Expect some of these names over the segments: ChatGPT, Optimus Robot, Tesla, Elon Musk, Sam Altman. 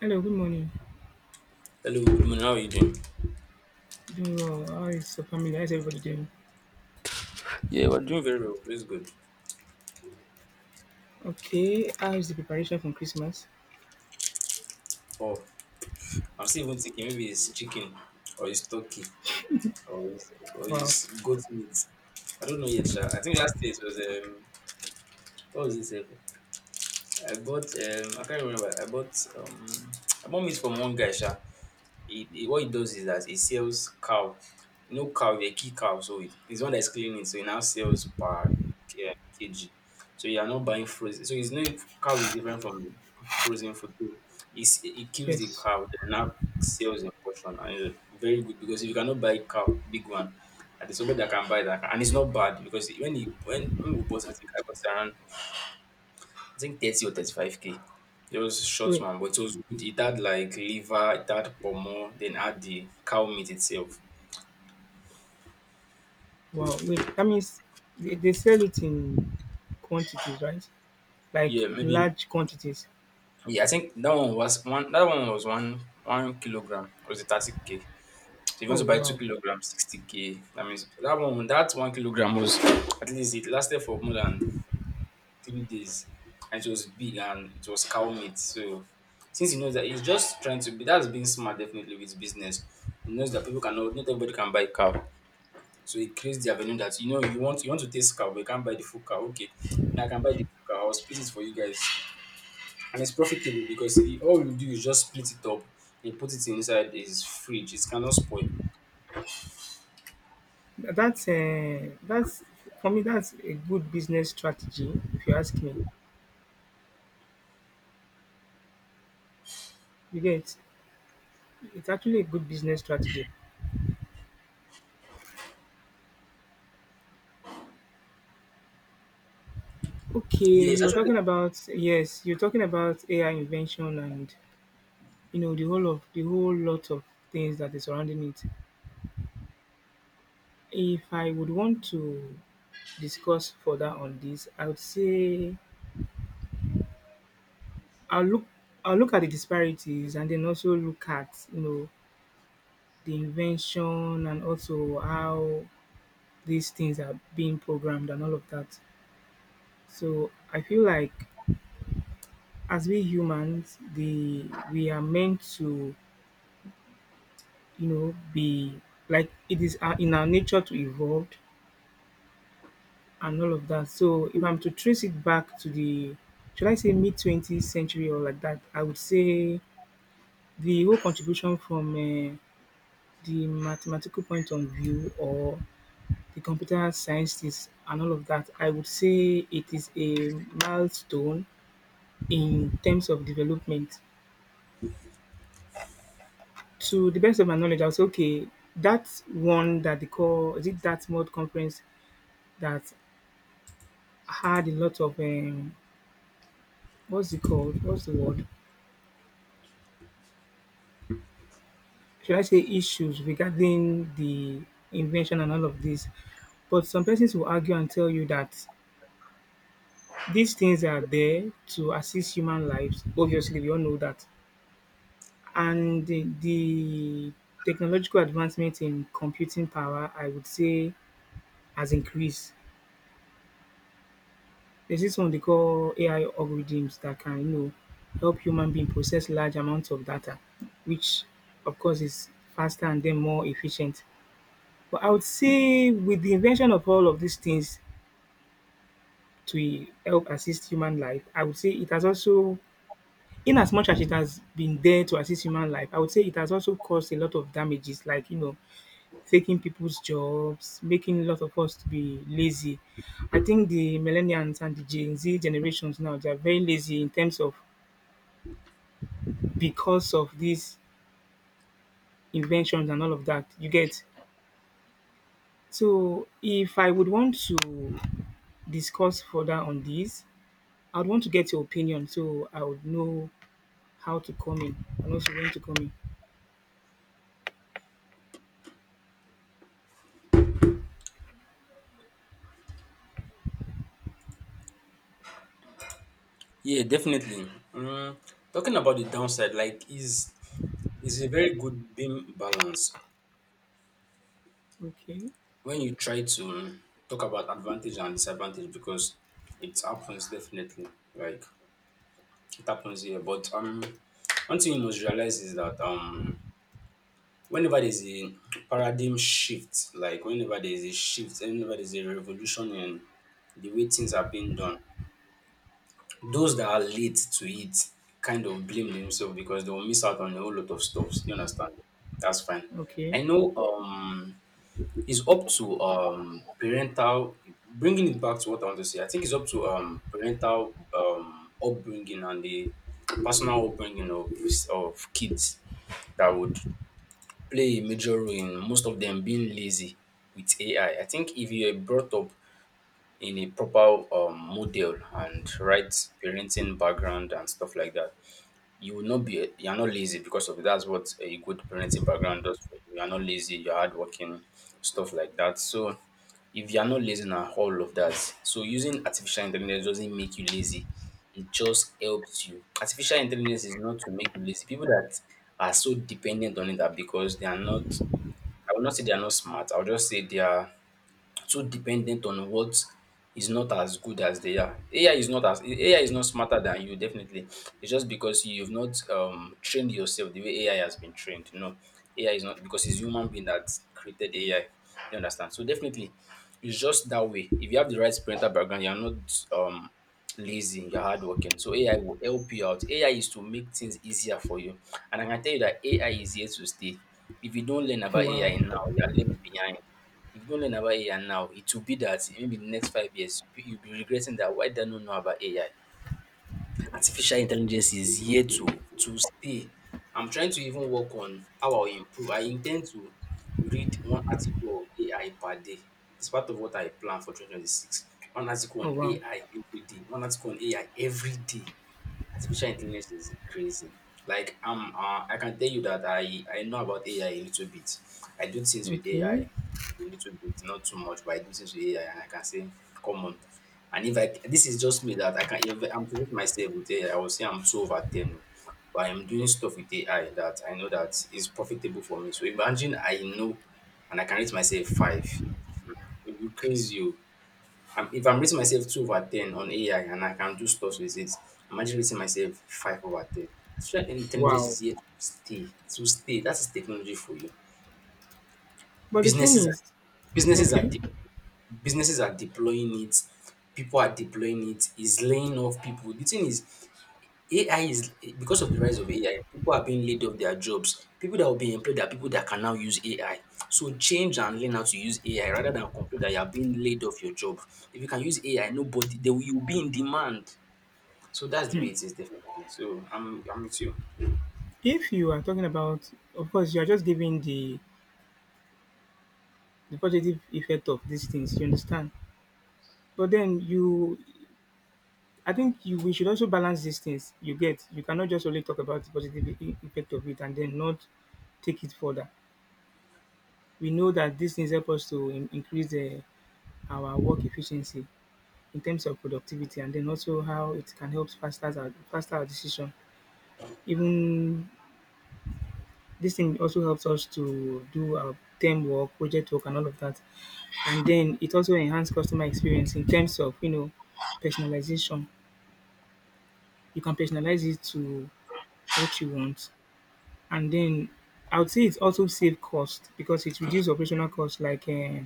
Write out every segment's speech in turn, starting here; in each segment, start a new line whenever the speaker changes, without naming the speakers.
Hello, good morning.
Hello, good morning. How are you doing?
Doing well. How is your family? How is everybody doing?
Yeah, we're doing very well. Praise God.
Okay. How is the preparation for Christmas?
Oh, I'm still even thinking maybe it's chicken or it's turkey or
Wow.
it's goat meat. I don't know yet, sha. I think last day it was what was this? I can't remember. I bought meat from one guy, sha. It what it does is that it sells cow. You know, cow they kill cow, so it's one that's cleaning, it, so it now sells per k- uh, kg. So you are not buying frozen. So it's no, cow is different from frozen food. So it kills the
Yes.
cow, then now sells in portion, and it's very good because if you cannot buy cow big one, and there's somebody that can buy that, and it's not bad because when we bought it, I think I bought it around I think 30 or 35K. It just short
Wait.
one, but it was good. It had like liver, it had pomo, then had the cow meat itself.
Wow. Wait. That means they sell it in quantities, right? Like
Yeah,
in
maybe.
large quantities.
Yeah, I think that one was one. That one was one kilogram. It was the 30K. So if you
Oh
want to buy two
wow.
kilograms, 60K. That means that one kilogram was at least it lasted for more than 3 days, and it was big and it was cow meat. So since he knows that he's just trying to be, that's being smart definitely with business. He knows that people cannot, not everybody can buy cow. So it creates the avenue that you know you want to taste cow, but you can't buy the full cow. Okay, now I can buy the full cow. I'll split it for you guys, and it's profitable because it- all you do is just split it up and put it inside his fridge. It cannot spoil.
That's for me. That's a good business strategy, if you ask me. You get it's actually a good business strategy. Okay,
Yeah, it's
you were
actually
talking about yes, you're talking about AI invention and you know, the whole lot of things that is surrounding it. If I would want to discuss further on this, I would say I'll look I'll look at the disparities and then also look at, you know, the invention and also how these things are being programmed and all of that. So I feel like as we humans, the we are meant to, you know, be like it is in our nature to evolve and all of that. So if I'm to trace it back to the should I say mid 20th century or like that, I would say the whole contribution from the mathematical point of view or the computer scientists and all of that, I would say it is a milestone in terms of development. To the best of my knowledge, I was okay. That one that they call is it that mod conference that had a lot of what's it called? What's the word? Should I say issues regarding the invention and all of this. But some persons will argue and tell you that these things are there to assist human lives. Obviously, we all know that. And the technological advancement in computing power, I would say, has increased. There's this one they call AI algorithms that can, you know, help human being process large amounts of data, which of course is faster and then more efficient. But I would say with the invention of all of these things to help assist human life, I would say it has also, in as much as it has been there to assist human life, I would say it has also caused a lot of damages, like you know, taking people's jobs, making a lot of us to be lazy. I think the millennials and the Gen Z generations now they are very lazy in terms of because of these inventions and all of that. You get so if I would want to discuss further on this, I'd want to get your opinion so I would know how to come in and also when to come in.
yeah, definitely. Talking about the downside, like is a very good beam balance
Okay.
when you try to talk about advantage and disadvantage because it happens definitely. Like it happens here, but one thing you must realize is that whenever there's a paradigm shift, like whenever there's a shift, whenever there's a revolution in the way things are being done, those that are late to it kind of blame themselves because they'll miss out on a whole lot of stuff. Do you understand? That's fine.
Okay.
I know it's up to parental, bringing it back to what I want to say. I think it's up to parental upbringing and the personal upbringing of kids that would play a major role in most of them being lazy with AI. I think if you are brought up in a proper model and right parenting background and stuff like that, you are not lazy because of it. That's what a good parenting background does for you. You are not lazy. You're hardworking, stuff like that. So if you are not lazy and all of that, so using artificial intelligence doesn't make you lazy. It just helps you. Artificial intelligence is not to make you lazy. People that are so dependent on it are because they are not, I will not say they are not smart. I will just say they are too dependent on what is not as good as they are. AI is not as, AI is not smarter than you, definitely. It's just because you've not trained yourself the way AI has been trained. No, AI is not because it's human being that created AI. You understand? So definitely it's just that way. If you have the right parental background, you're not um lazy, you're hardworking. So AI will help you out. AI is to make things easier for you. And I can tell you that AI is here to stay. If you don't learn about
Wow.
AI now, you're left behind. If you don't learn about AI now, it will be that maybe the next 5 years you'll be regretting that why did I not know about AI? Artificial intelligence is here to stay. I'm trying to even work on how I'll improve. I intend to read one article of AI per day. It's part of what I plan for 2026. One article
Oh
on
wow.
AI every day. One article on AI every day. Artificial intelligence is crazy. Like I can tell you that I know about AI a little bit. I do things with AI
Okay.
a little bit, not too much, but I do things with AI, and I can say, come on. And if I this is just me that I can if I'm to rate myself with AI, I will say I'm two over ten. But I'm doing stuff with AI that I know that is profitable for me. So imagine I know, and I can rate myself five. It will be crazy. Oh, if I'm rating myself two over ten on AI and I can do stuff with it, I'm actually rating myself five over ten. Artificial intelligence
Wow.
is here to stay. To stay. That is technology for you.
But the thing
Businesses are
is,
businesses are
okay,
de- Businesses are deploying it. People are deploying it. It's laying off people. The thing is, AI is, because of the rise of AI, people are being laid off their jobs. People that will be employed are people that can now use AI. So change and learn how to use AI rather than complain that you are being laid off your job. If you can use AI, nobody they will you'll be in demand. So that's the way it is definitely. So I'm with you.
if you are talking about of course you are just giving the positive effect of these things, you understand? But then you I think you we should also balance these things. You get you cannot just only talk about the positive effect of it and then not take it further. We know that these things help us to increase our work efficiency in terms of productivity and then also how it can help faster our decision. Even this thing also helps us to do our term work, project work, and all of that. And then it also enhances customer experience in terms of you know personalization. You can personalize it to what you want, and then I would say it also save cost because it reduces operational costs, like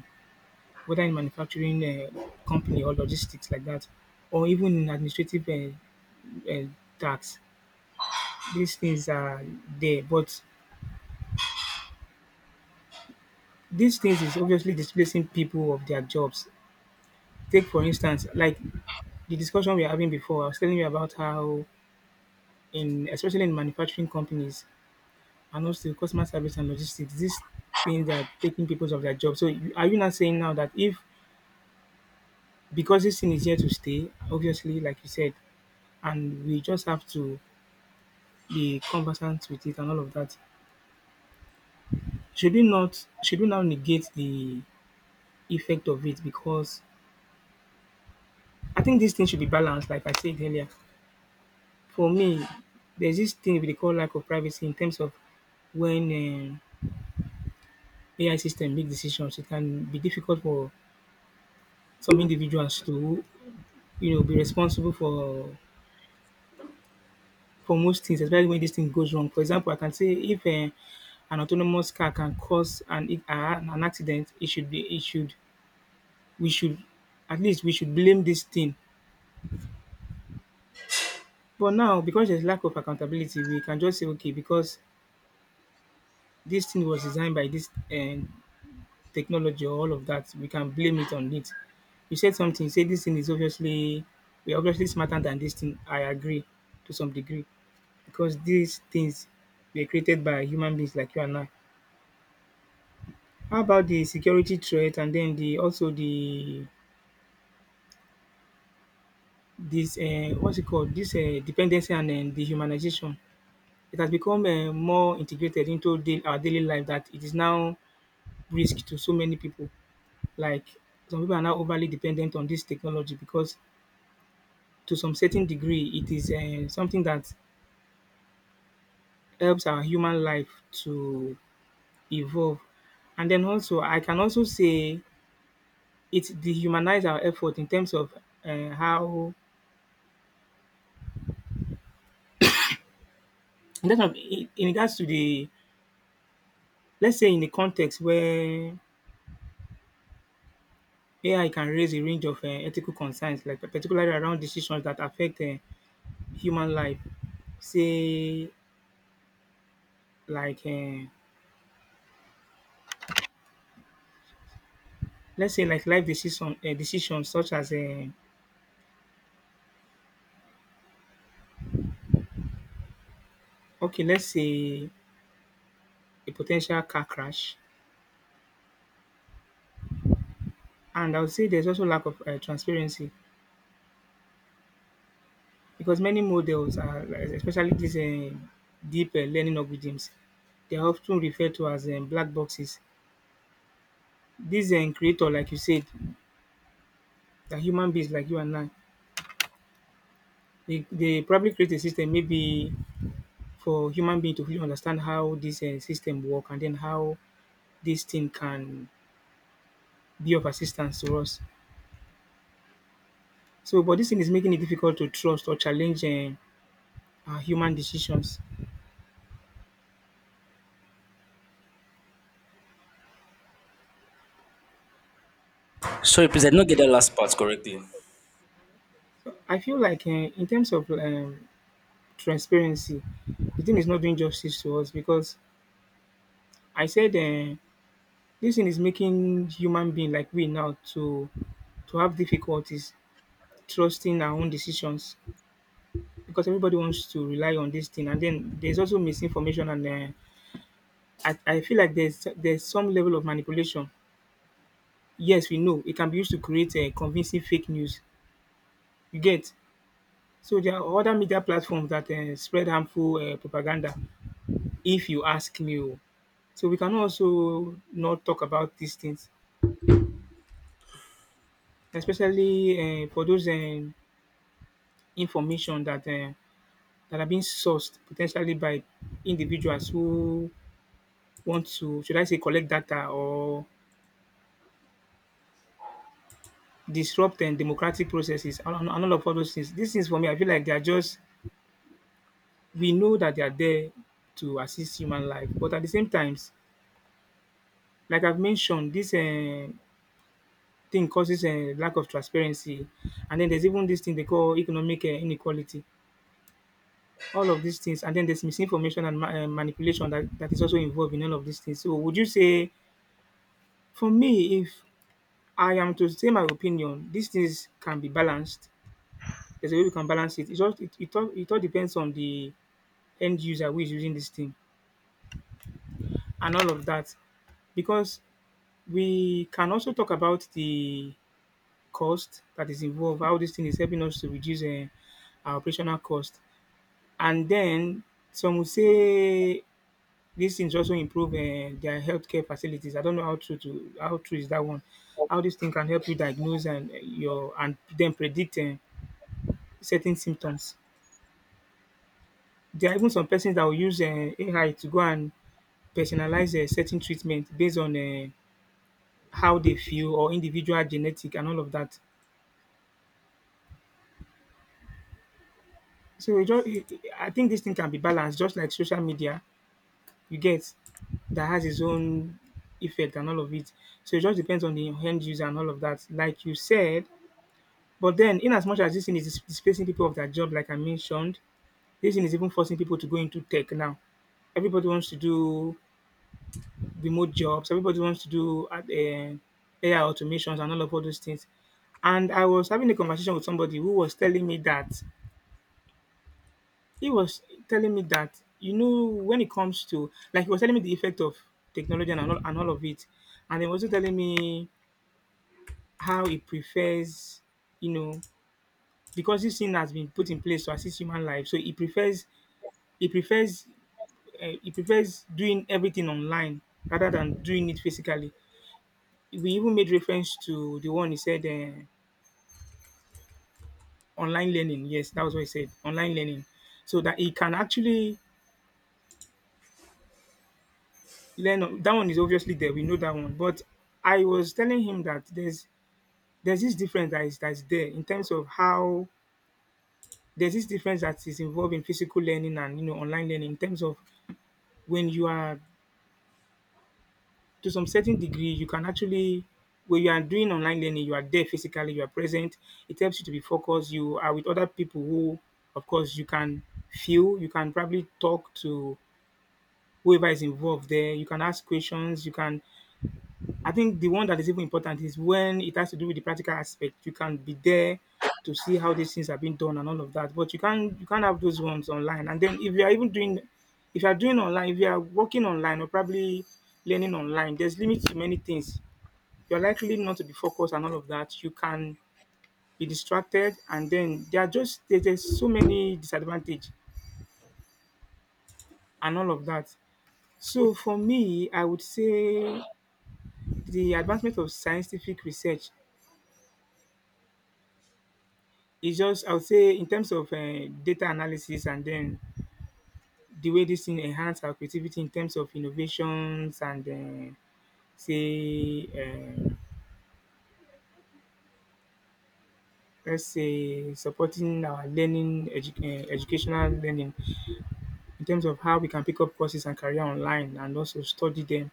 whether in manufacturing company or logistics like that, or even in administrative uh, tax. These things are there, but these things is obviously displacing people of their jobs. Take for instance, like the discussion we are having before, I was telling you about how in especially in manufacturing companies and also customer service and logistics, these things are taking people of their jobs. So are you not saying now that if because this thing is here to stay, obviously, like you said, and we just have to be conversant with it and all of that, should we not should we now negate the effect of it because I think this thing should be balanced, like I said earlier. For me, there's this thing we dey call lack of privacy in terms of when AI system make decisions. It can be difficult for some individuals to, you know, be responsible for most things, especially when this thing goes wrong. For example, I can say if an autonomous car can cause an accident, it should we should at least we should blame this thing. But now because there's lack of accountability, we can just say okay because this thing was designed by this technology or all of that, we can blame it on it. You said something, you said this thing is obviously we're obviously smarter than this thing. I agree to some degree. Because these things were created by human beings like you and I. How about the security threat and then the also the this what's it called? This dependency and then dehumanization. It has become more integrated into our daily life that it is now risk to so many people. Like some people are now overly dependent on this technology because to some certain degree, it is something that helps our human life to evolve. And then also, I can also say it dehumanize our effort in terms of how, in terms of in regards to the, let's say in the context where AI can raise a range of ethical concerns, like particularly around decisions that affect human life. Say like, let's say like decisions such as, okay, let's say a potential car crash. And I would say there's also lack of transparency because many models are, like, especially these deep learning algorithms, they are often referred to as black boxes. These creator, like you said, the human beings like you and I, they probably create a system maybe for human being to really understand how this system work and then how this thing can be of assistance to us. So, but this thing is making it difficult to trust or challenge our human decisions.
Sorry, please I did not get that last part correctly.
I feel like in terms of transparency, the thing is not doing justice to us because I said this thing is making human being like we now to have difficulties trusting our own decisions because everybody wants to rely on this thing, and then there's also misinformation, and I feel like there's some level of manipulation. Yes, we know it can be used to create convincing fake news. You get so there are other media platforms that spread harmful propaganda. If you ask me. Oh. So we can also not talk about these things, especially for those information that that are being sourced potentially by individuals who want to, should I say, collect data or disrupt and democratic processes and all of all those things. These things for me, I feel like they are just we know that they are there to assist human life, but at the same times, like I've mentioned, this thing causes a lack of transparency, and then there's even this thing they call economic inequality all of these things, and then there's misinformation and manipulation that is also involved in all of these things. So, would you say, for me, if I am to say my opinion, these things can be balanced. There's a way we can balance it. It's all, it, it all depends on the end user who is using this thing and all of that. Because we can also talk about the cost that is involved, how this thing is helping us to reduce our operational cost. And then some will say these things also improve their healthcare facilities. I don't know how true is that one. How this thing can help you diagnose and your and then predict certain symptoms. There are even some persons that will use AI to go and personalize certain treatment based on how they feel or individual genetic and all of that. So e just e e I think this thing can be balanced just like social media you get that has its own effect and all of it. So it just depends on the end user and all of that. Like you said, but then, in as much as this thing is displacing people of their job, like I mentioned, this thing is even forcing people to go into tech now. Everybody wants to do remote jobs. Everybody wants to do AI automations and all of all those things. And I was having a conversation with somebody who was telling me that he was when it comes to, like, he was telling me the effect of technology and all of it, and he was also telling me how he prefers, you know, because this thing has been put in place to assist human life. So he prefers He prefers uh, he prefers doing everything online rather than doing it physically. We even made reference to the one he said, online learning. Yes, that was what he said. Online learning, so that he can actually learn. That one is obviously there. We know that one. But I was telling him that there's this difference that is that's there in terms of how there's this difference that is involved in physical learning and online learning in terms of when you are, to some certain degree, you can actually, when you are doing online learning, you are there physically, you are present. It helps you to be focused. You are with other people who, of course, you can feel, you can probably talk to whoever is involved there. You can ask questions. You can. I think the one that is even important is when it has to do with the practical aspect. You can be there to see how these things are being done and all of that. But you can't have those ones online. And then if you are even doing, if you are doing online, if you are working online or probably learning online, there's limits to many things. You're likely not to be focused and all of that. You can be distracted, and then there's so many disadvantage and all of that. So for me, I would say the advancement of scientific research is just, I would say, in terms of data analysis, and then the way this thing enhance our creativity in terms of innovations and, say let's say, supporting our learning, educational learning in terms of how we can pick up courses and career online and also study them,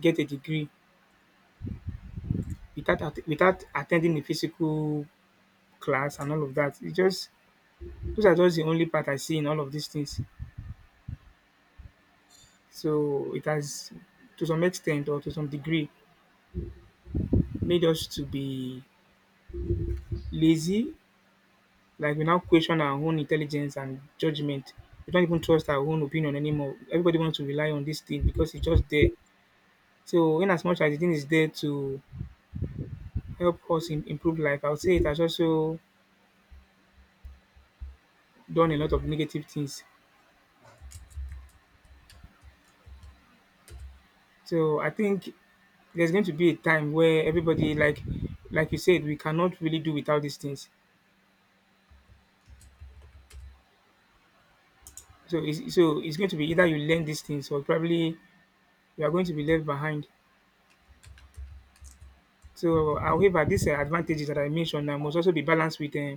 get a degree without attending a physical class and all of that. It just, those are just the only part I see in all of these things. So it has, to some extent or to some degree, made us to be lazy. Like, we now question our own intelligence and judgment. We don't even trust our own opinion anymore. Everybody wants to rely on this thing because it's just there. So in as much as the thing is there to help us improve life, I would say it has also done a lot of negative things. So I think there's going to be a time where everybody, like you said, we cannot really do without these things. So it's going to be either you learn these things or probably you are going to be left behind. So however, these advantages that I mentioned must also be balanced with,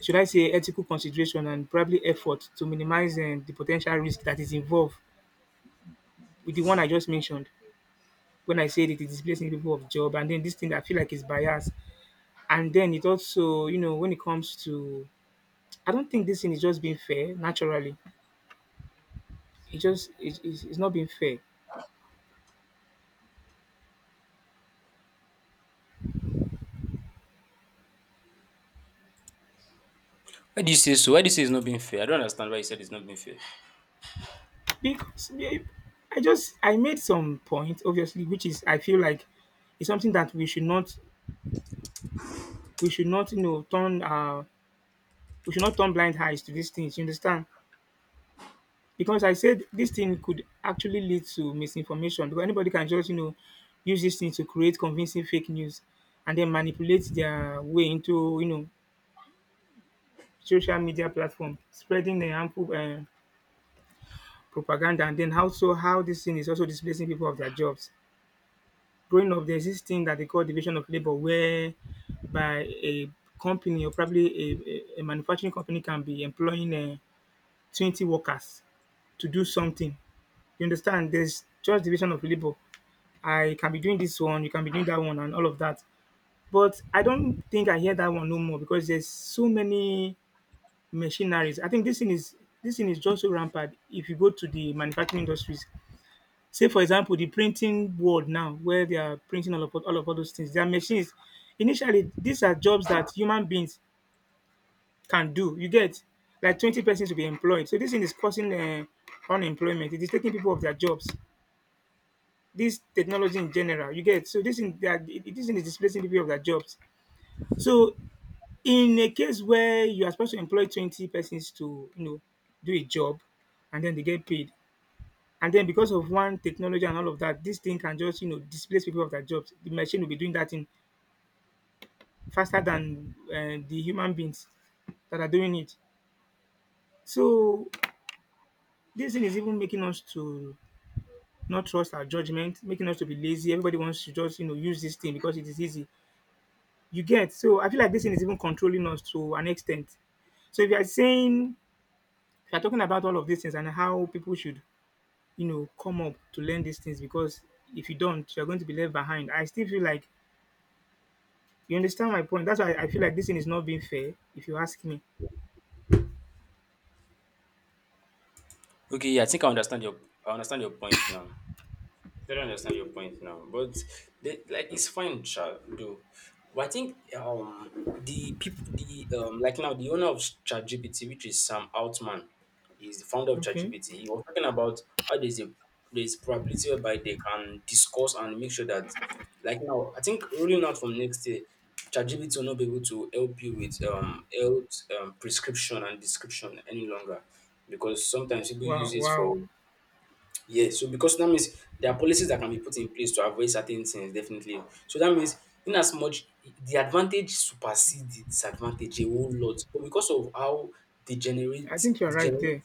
should I say, ethical consideration and probably effort to minimize the potential risk that is involved with the one I just mentioned. When I said it is displacing people of job, and then this thing I feel like is biased, and then it also, you know, when it comes to, I don't think this thing is just being fair naturally. It just is, it's not being fair
Why do you say so? Why do you say it's not being fair? I don't understand why you said it's not being fair.
because, yeah, I just I made some point, obviously, which is, I feel like it's something that we should not you know turn we should not turn blind eyes to these things. You understand? Because I said this thing could actually lead to misinformation because anybody can just, use this thing to create convincing fake news and then manipulate their way into, social media platform, spreading the harmful propaganda, and then also how this thing is also displacing people of their jobs. Growing up, there's this thing that they call division of labor, where by a company or probably a manufacturing company can be employing 20 workers to do something. You understand? There's just division of labor. I can be doing this one, you can be doing that one, and all of that. But I don't think I hear that one no more because there's so many machineries. I think this thing is just so rampant. If you go to the manufacturing industries, say for example the printing world now where they are printing all of all of all those things, their machines, initially these are jobs that human beings can do, you get? Like 20 persons to be employed. So this thing is causing unemployment, it is taking people of their jobs. This technology in general, you get? So this thing is displacing people of their jobs. So in a case where you are supposed to employ 20 persons to, you know, do a job and then they get paid, and then because of one technology and all of that, this thing can just, you know, displace people of their jobs. The machine will be doing that thing faster than, the human beings that are doing it. So this thing is even making us to not trust our judgment, making us to be lazy. Everybody wants to just, you know, use this thing because it is easy. You get, so I feel like this thing is even controlling us to an extent. So if you are talking about all of these things and how people should, you know, come up to learn these things, because if you don't, you are going to be left behind. I still feel like, you understand my point? That's why I feel like this thing is not being fair, if you ask me.
Okay, yeah, I think I understand your point now. I don't understand your point now, but the, like it's fine, Chad, though. But I think the people, the like now the owner of ChatGPT, which is Sam Altman, is the founder of
Okay.
ChatGPT. He was talking about how there's probability whereby they can discuss and make sure that, like, now I think rolling out from next year, ChatGPT will not be able to help you with health prescription and description any longer because sometimes people
Wow,
use it
wow.
for, yeah, so because that means there are policies that can be put in place to avoid certain things, definitely. So that means, in as much, the advantage supersede the disadvantage a whole lot, but because of how
I
degenerate
think you're right
degenerate
there.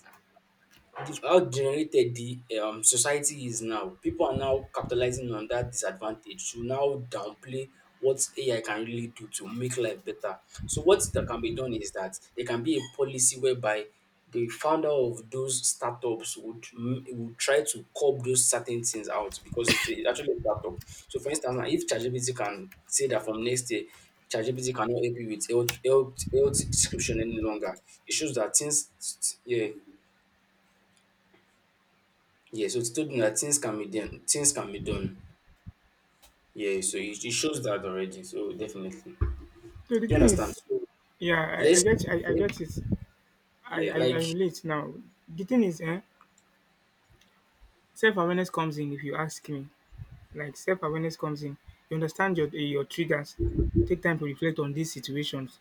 how generated the society is now. People are now capitalizing on that disadvantage to now downplay what AI can really do to make life better. So what that can be done is that there can be a policy whereby the founder of those startups would m- would try to curb those certain things out because it's a- actually a startup. So for instance, now, if ChatGPT can say that from next year, ChatGPT cannot help you with health description any longer, it shows that things, yeah, yeah, so it's told me that things can be done. Things can be done. Yeah, so it shows that already. So definitely, do
So the
you
thing
understand?
is,
So
yeah, I, I
let's,
get I, I get it. I,
yeah,
I, I
like
relate now. The thing is, self awareness comes in, if you ask me. Like, self awareness comes in. You understand your triggers. Take time to reflect on these situations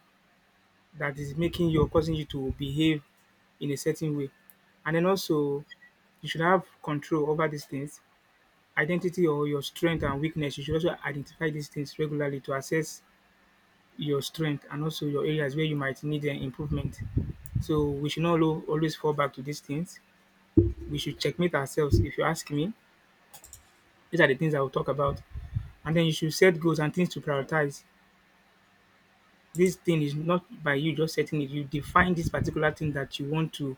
that is making you or causing you to behave in a certain way. And then also you should have control over these things, identity or your strength and weakness. You should also identify these things regularly to assess your strength and also your areas where you might need an improvement. So we should not always fall back to these things. We should checkmate ourselves. If you ask me, these are the things I will talk about. And then you should set goals and things to prioritize. This thing is not by you just setting it. You define this particular thing that you want to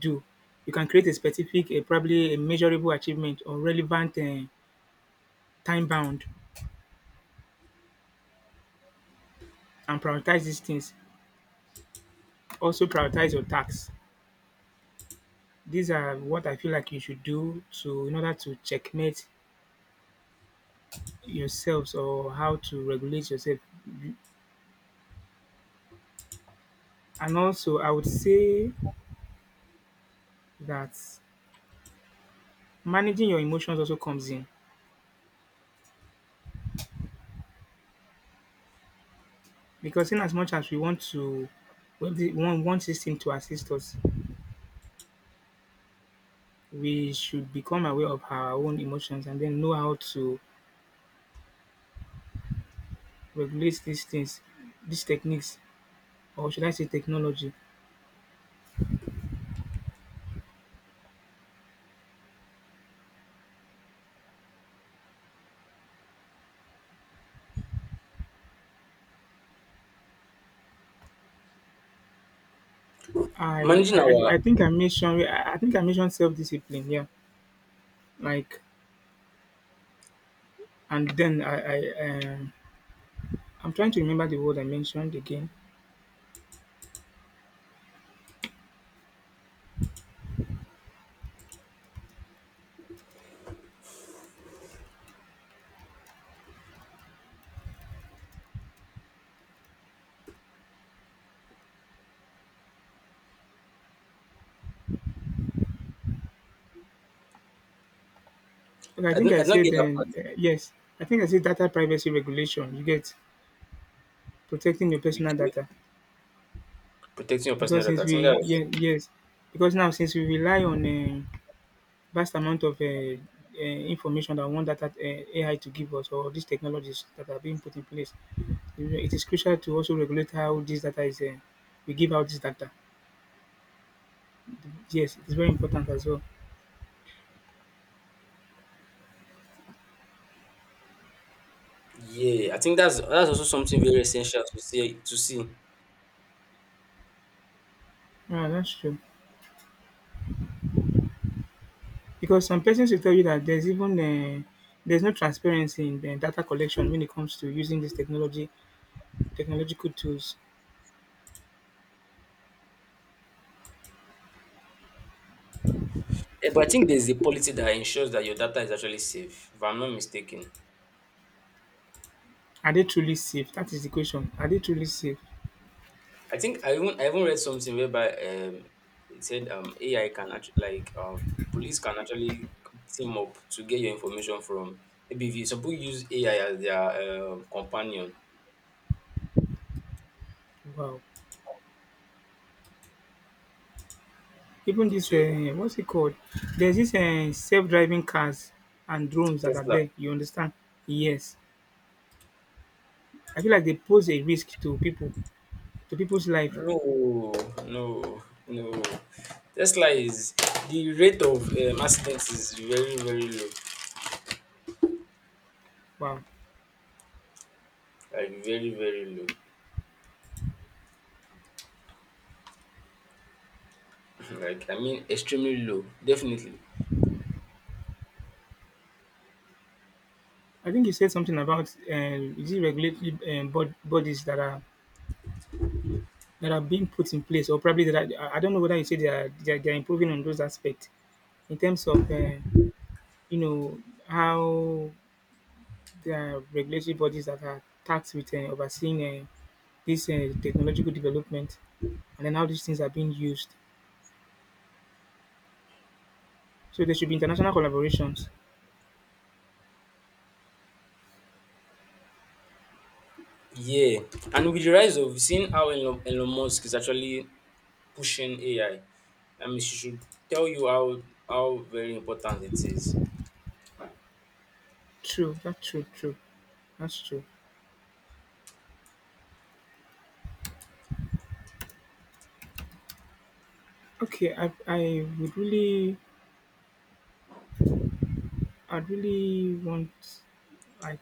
do. You can create a specific, a probably a measurable achievement or relevant, time bound, and prioritize these things. Also prioritize your tasks. These are what I feel like you should do to, in order to, checkmate yourselves or how to regulate yourself. And also, I would say that managing your emotions also comes in because in as much as we want to want system to assist us, we should become aware of our own emotions and then know how to regulate these things, these techniques, or should I say technology.
managing our.
I think I mentioned self discipline. Yeah, like, and then I'm trying to remember the word I mentioned again. And I
I
think
don't,
I
I don't
said,
get that part.
yes. I think I said data privacy regulation. You get, protecting your personal
Okay.
data
Protecting your personal
because
data.
since
I think
we
that's,
yes, because now, since we rely on a vast amount of, information that one data, AI to give us, or these technologies that are being put in place, you know, it is crucial to also regulate how this data is. We give out this data. Yes, it's very important as well.
yeah. I think that's also something very essential to see.
Ah, that's true. Because some persons will tell you that there's even, there's no transparency in the data collection when it comes to using these technology technological tools.
Eh, but I think there's a policy that ensures that your data is actually safe. If I'm not mistaken.
Are they truly safe? That is the question. Are they truly safe?
I think I even read something whereby it said AI can actually, like, police can actually team up to get your information from maybe if you some people use AI as their companion.
Wow. Even this,
So
what's it called? There's this self-driving cars and drones that are
Tesla,
there. You understand? Yes. I feel like they pose a risk to people, to people's life.
no, no, no. Tesla is the rate of accidents is very, very low,
Wow.
like very, very low, like I mean extremely low, definitely.
I think you said something about, is it regulatory, bodies that are, that are being put in place, or probably that are, I don't know whether you say they are, they are, they are improving on those aspects in terms of, you know how there are regulatory bodies that are tasked with, overseeing, this technological development, and then how these things are being used. So there should be international collaborations.
Yeah, and with the rise of seeing how Elon Musk is actually pushing AI. I mean, she should tell you how very important it is.
True, that's true, true, that's true. Okay, I would really, I'd really want, like,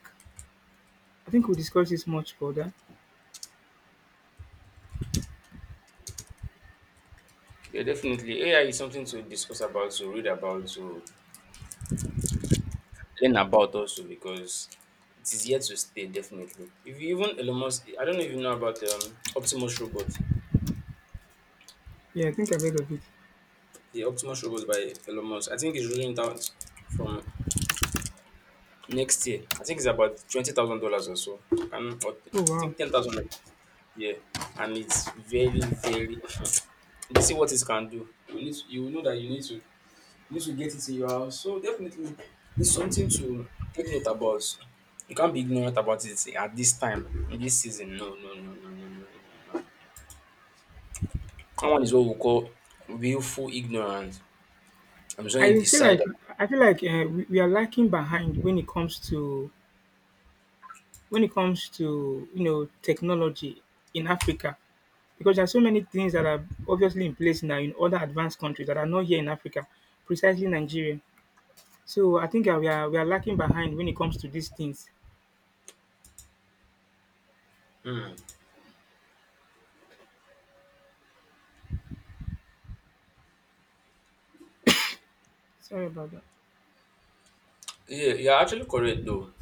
I think we'll discuss this much further.
Yeah, definitely. AI is something to discuss about, to read about, to learn about also because it is here to stay. Definitely. If you even Elon Musk, I don't know if you know about Optimus Robot.
Yeah, I think I've heard of it.
The Optimus Robot by Elon Musk. I think it's rolling out from next year. I think it's about $20,000 or so. And or I
Oh wow.
think 10,000. Yeah, and it's very, very they see what it can do. You need to, you will know that you need to, you need to get it in your house. So definitely it's something to take note about. You can't be ignorant about it at this time, in this season. No, no, no, no, no, no, no, no, no. That one is what we call willful ignorance. I'm saying, you
I feel
decide.
like I feel like, we are lacking behind when it comes to, when it comes to, you know, technology in Africa, because there are so many things that are obviously in place now in other advanced countries that are not here in Africa, precisely Nigeria. So I think, we are lacking behind when it comes to these things.
Hmm.
Sorry about that.
Yeah, you're actually correct though.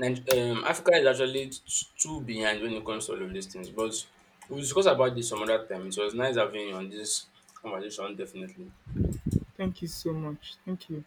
Africa is actually t- too behind when it comes to all of these things, but we'll discuss about this some other time. It was nice having you on this conversation, definitely.
Thank you so much. Thank you.